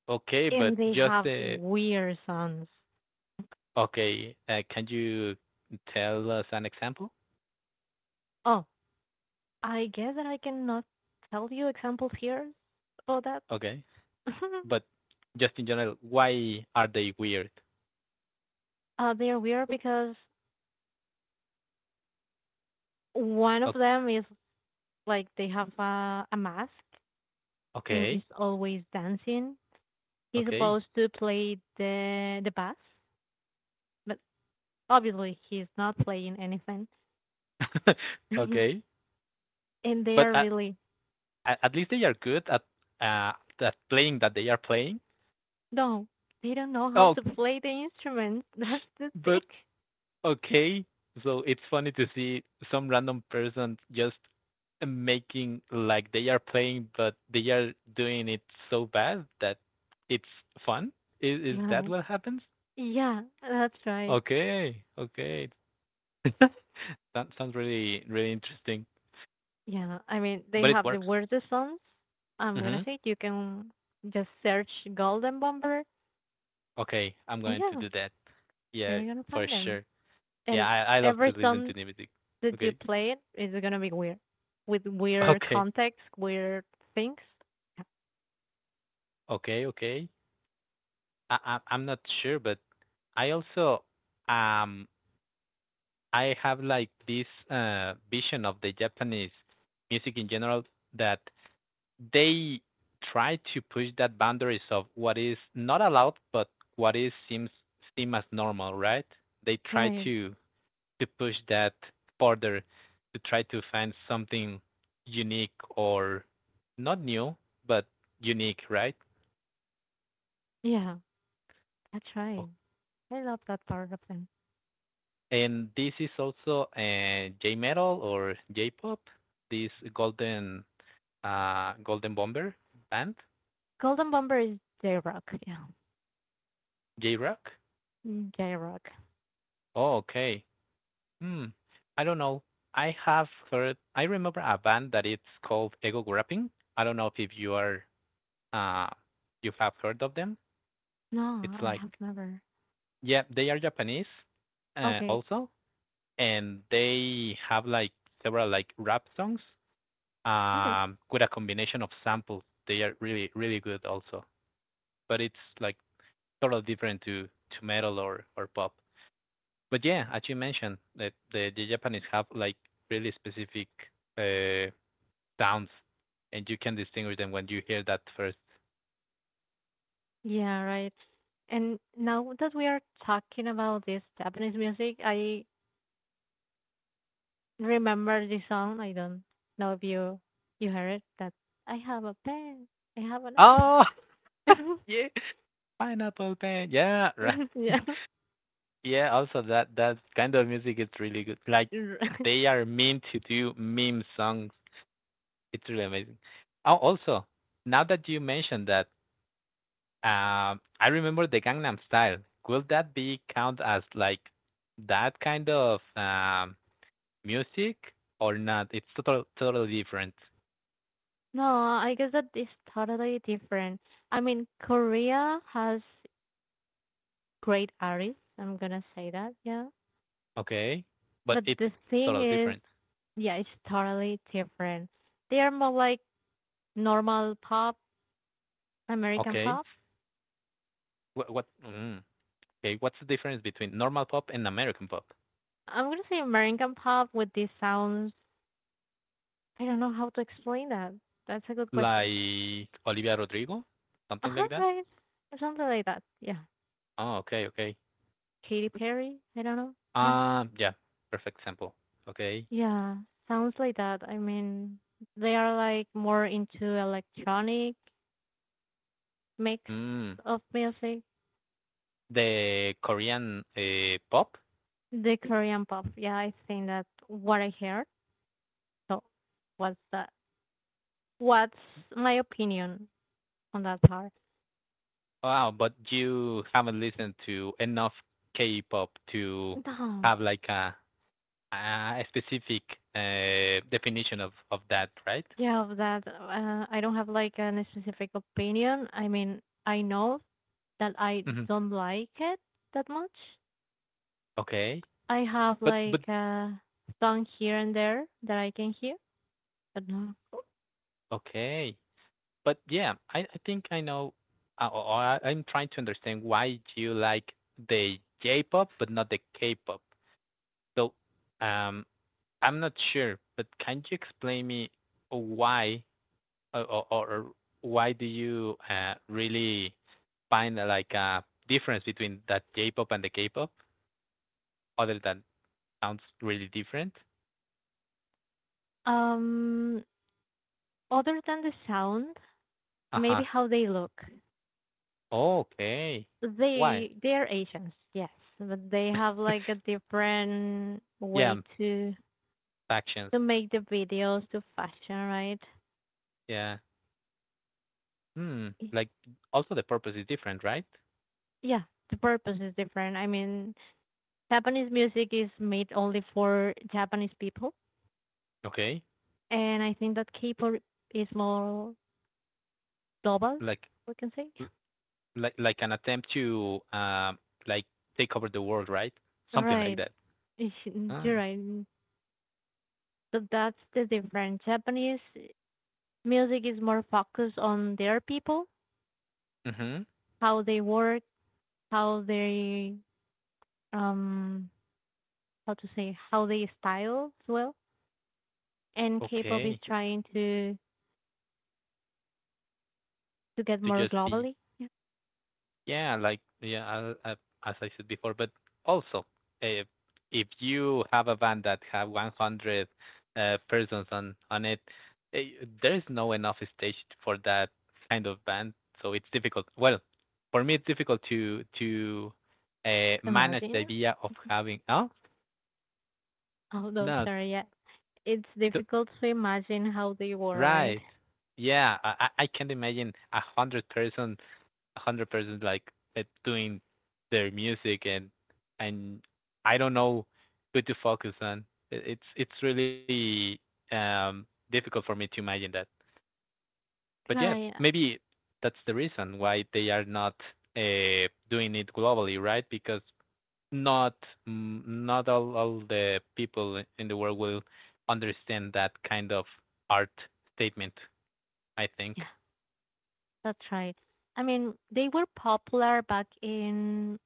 Okay, but And they just have the weird sounds. okay. Uh, can you tell us an example? Oh, I guess that I cannot tell you examples here about that. Okay. But just in general, why are they weird? Uh, they are weird because one of O- them is like they have a, a mask and is okay. always dancing. He's Okay. supposed to play the the bass but obviously he's not playing anything. And okay. they But are at, really at at least they are good at uh that playing that they are playing. no, they don't know how Oh, to play the instruments. That's the thing. but okay. So it's funny to see some random person just making like they are playing, but they are doing it so bad that it's fun. Is is that Right. what happens? Yeah, that's right. Okay, okay. That sounds really, really interesting, Yeah, I mean they but it have the works. weirdest songs. I'm Hmm gonna say you can just search Golden Bomber. Okay, I'm And going to yeah, do that. Yeah, you're gonna for find them. sure. Yeah, And I I love to every listen to song new music. that you Okay, play it is gonna be weird, with weird okay, context, weird things. Yeah, okay, okay. I, I I'm not sure, but I also um I have like this uh vision of the Japanese music in general that they try to push that boundaries of what is not allowed but what is seems seem as normal, right? They try right. to to push that further to try to find something unique, or not new, but unique, right? Yeah. That's O- right. I love that part of them. and this is also, uh, j metal or j pop this golden uh Golden Bomber band? Golden Bomber is J Rock. Yeah. J rock J Rock. oh, okay. Hmm, I don't know. I have heard. I remember a band that it's called Ego Grapping. I don't know if you are, uh you have heard of them. No, It's I like have never. yeah, they are Japanese, uh, Okay. also, and they have like several like rap songs Okay. um with a combination of samples. They are really, really good also, but it's like totally different to to metal or or pop. But yeah, as you mentioned, that the the Japanese have like really specific uh sounds, and you can distinguish them when you hear that first. Yeah, right. And now that we are talking about this Japanese music, I remember this song. I don't know if you you heard it. That I have a pen. I have an Oh, apple. yeah, pineapple pen. Yeah, right. Yeah. yeah. Also, that that kind of music is really good. Like they are meant to do meme songs. It's really amazing. Oh, also, now that you mentioned that, um, I remember the Gangnam Style. Will that be count as like that kind of um music or not? It's total totally different. No, I guess that is totally different. I mean, Korea has great artist. I'm gonna say that, yeah. Okay, but But it's the thing totally is, different. yeah, it's totally different. They are more like normal pop, American Okay. pop. What? what mm, okay. What's the difference between normal pop and American pop? I'm gonna say American pop with these sounds. I don't know how to explain that. That's a good question. Like Olivia Rodrigo, Uh something huh, like that. right. Something like that. Yeah. Oh, okay, okay. Katy Perry. I don't know. Yeah. Um, yeah. Perfect example. Okay. Yeah. Sounds like that. I mean, they are like more into electronic mix Mm, of music. the Korean uh, pop. The Korean pop. Yeah, I think that what I heard. So what's that? What's my opinion on that part? Wow, but you haven't listened to enough K-pop to No. have like a a specific uh, definition of of that, right? Yeah, of that uh, I don't have like a specific opinion. I mean, I know that I Hmm. don't like it that much. Okay. I have But but like a song here and there that I can hear, but no. okay. But yeah, I, I think I know, uh, or or I, I'm trying to understand why you like the J-pop but not the K-pop. So, um, I'm not sure, but can you explain me why or, or, or why do you uh, really find uh, like a difference between that J-pop and the K-pop, other than sounds really different? Um, Other than the sound, Uh-huh. maybe how they look. Oh, okay. Why? They they are Asians, yes, but they have like a different Yeah, way to factions. to make the videos to fashion, right? Yeah. Hmm. Like also the purpose is different, right? Yeah, the purpose is different. I mean, Japanese music is made only for Japanese people, Okay. and I think that K-pop is more global, Like we can say. l- like like an attempt to um like take over the world, right? Something like Right, that. Ah. you're right. So that's the difference. Japanese music is more focused on their people, Mhm. how they work, how they um how to say how they style as well. And K-pop is Okay. trying to to get To more just be. globally. Yeah. Yeah, like yeah, I, I, as I said before, but also if if you have a van that have one hundred uh, persons on on it, eh, there is no enough stage for that kind of van, so it's difficult. Well, for me, it's difficult to to uh, manage the Imagine. idea of having. Oh Although no, sorry, yeah, it's th- difficult to imagine how they were, right? right. Yeah, I I I can't imagine a hundred person hundred percent like uh, doing their music, and and I don't know who to focus on. It, it's it's really um difficult for me to imagine that. But yeah, Like, maybe that's the reason why they are not uh, doing it globally, right? Because not mm, not all, all the people in the world will understand that kind of art statement. I think yeah, that's right. I mean, they were popular back in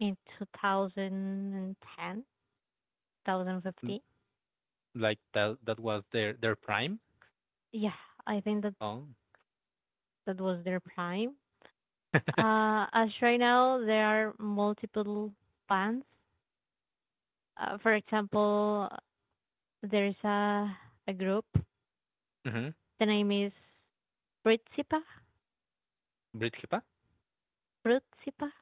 in two thousand and ten, two thousand and Mm, fifteen. like that that was their their prime. Yeah, I think that Oh, that was their prime. Uh, as right now, there are multiple bands uh, for example, there's a a group. Mhm. The name is Fruitsipa. Breathkeeper? Fruitsipa.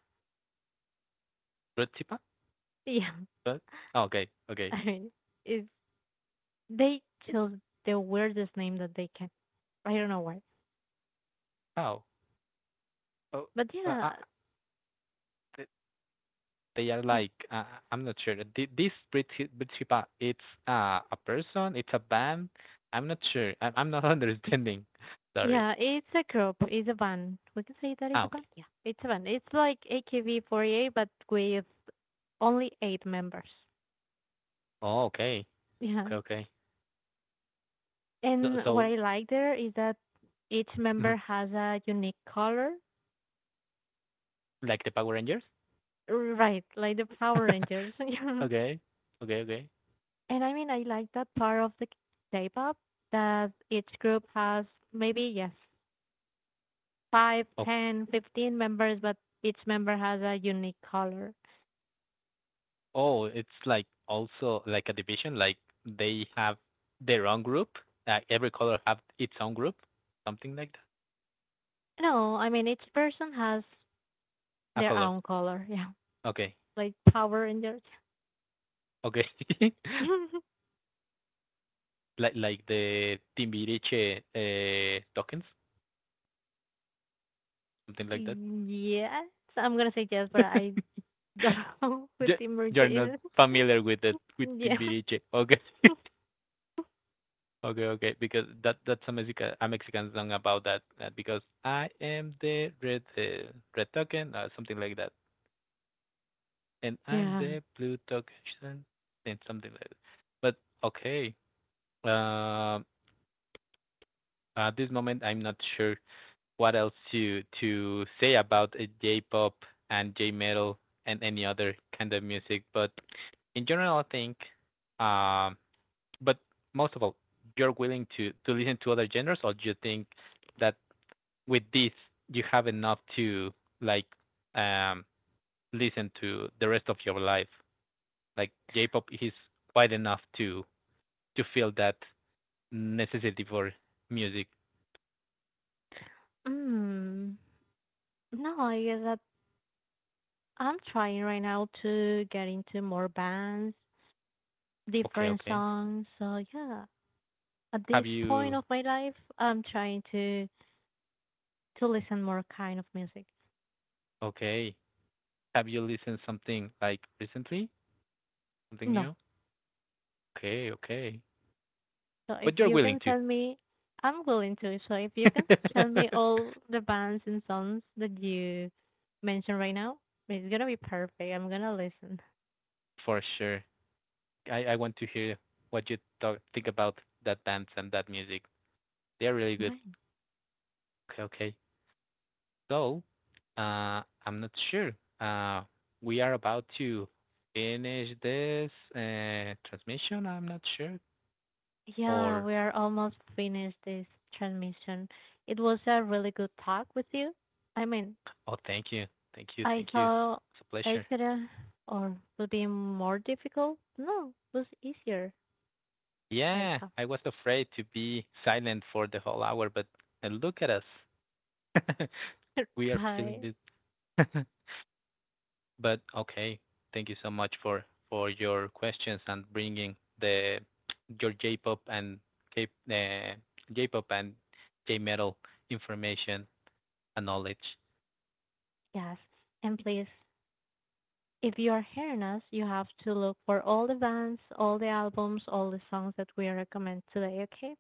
Breathkeeper? Yeah, But oh, okay, okay. I mean, it's, they chose the weirdest name that they can. I don't know why, Oh, oh, but but uh, yeah, th- they are oh, like, uh, I'm not sure. Th- This Breathke- Breathkeeper, it's uh, a person, it's a band. I'm not sure. I- I'm not understanding. Sorry. yeah, it's a group. It's a band. We can say that is Ah, a okay. band. Yeah, it's a band. It's like A K B forty-eight, but with only eight members. Oh, okay. Yeah, Okay, okay. So, and so what I like there is that each mhm, member has a unique color. like the Power Rangers? Right, like the Power Rangers. Yeah. Okay, okay, okay. And I mean, I like that part of the K-pop that each group has maybe, yes, five, ten, fifteen members, but each member has a unique color. Oh, it's like also like a division, like they have their own group. Like every color have its own group, something like No, I mean, each person has that. A their color. own color. Yeah, Okay. like Power Rangers. Okay. Like like the Timbiriche uh, tokens, something like that. Yes, I'm gonna say yes, but I don't know what Ju- the merger You're not is. familiar with the with Yeah. Timbiriche. Okay. Okay, okay, because that that's a Mexican a Mexican song about that, uh, because I am the red, uh, red token or something like that. And I'm Yeah. the blue token and something like that. But okay, uh, at this moment I'm not sure what else to to say about uh, J-pop and J-metal and any other kind of music. But in general, I think, um, but most of all, you're willing to to listen to other genres, or do you think that with this you have enough to, like, um listen to the rest of your life? Like J-pop is quite enough to to feel that necessity for music. Mm. No, I guess that I'm trying right now to get into more bands, Okay, different okay. songs. So yeah, at Have this point you of my life, I'm trying to to listen more kind of music. Okay? Have you listened something like recently? Something No. new? Okay, okay. So if But you're you willing can to. send me, I'm willing to. So if you can send me all the bands and songs that you mentioned right now, it's gonna be perfect. I'm gonna listen. For sure. I I want to hear what you talk, think about that dance and that music. They're really good. Right. Okay, okay. So, uh, I'm not sure. Uh, we are about to finish this, uh, transmission. I'm not sure. Yeah, Or, we are almost finished this transmission. It was a really good talk with you. I mean, oh, thank you. Thank you. I Thank you. thought It's a pleasure. it's gonna or would be more difficult. No, it was easier. Right Yeah, up. I was afraid to be silent for the whole hour, but, uh, look at us. We are feeling Try. this. But okay, thank you so much for for your questions and bringing the your J-pop and K uh, J-pop and J-metal information and knowledge. Yes. And please, if you are hearing us, you have to look for all the bands, all the albums, all the songs that we recommend today, okay?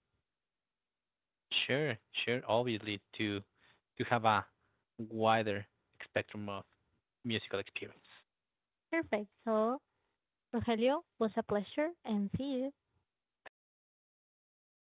Sure, sure. Obviously, to to have a wider spectrum of musical experience. Perfect. So, Rogelio, was a pleasure and see you. Thank you.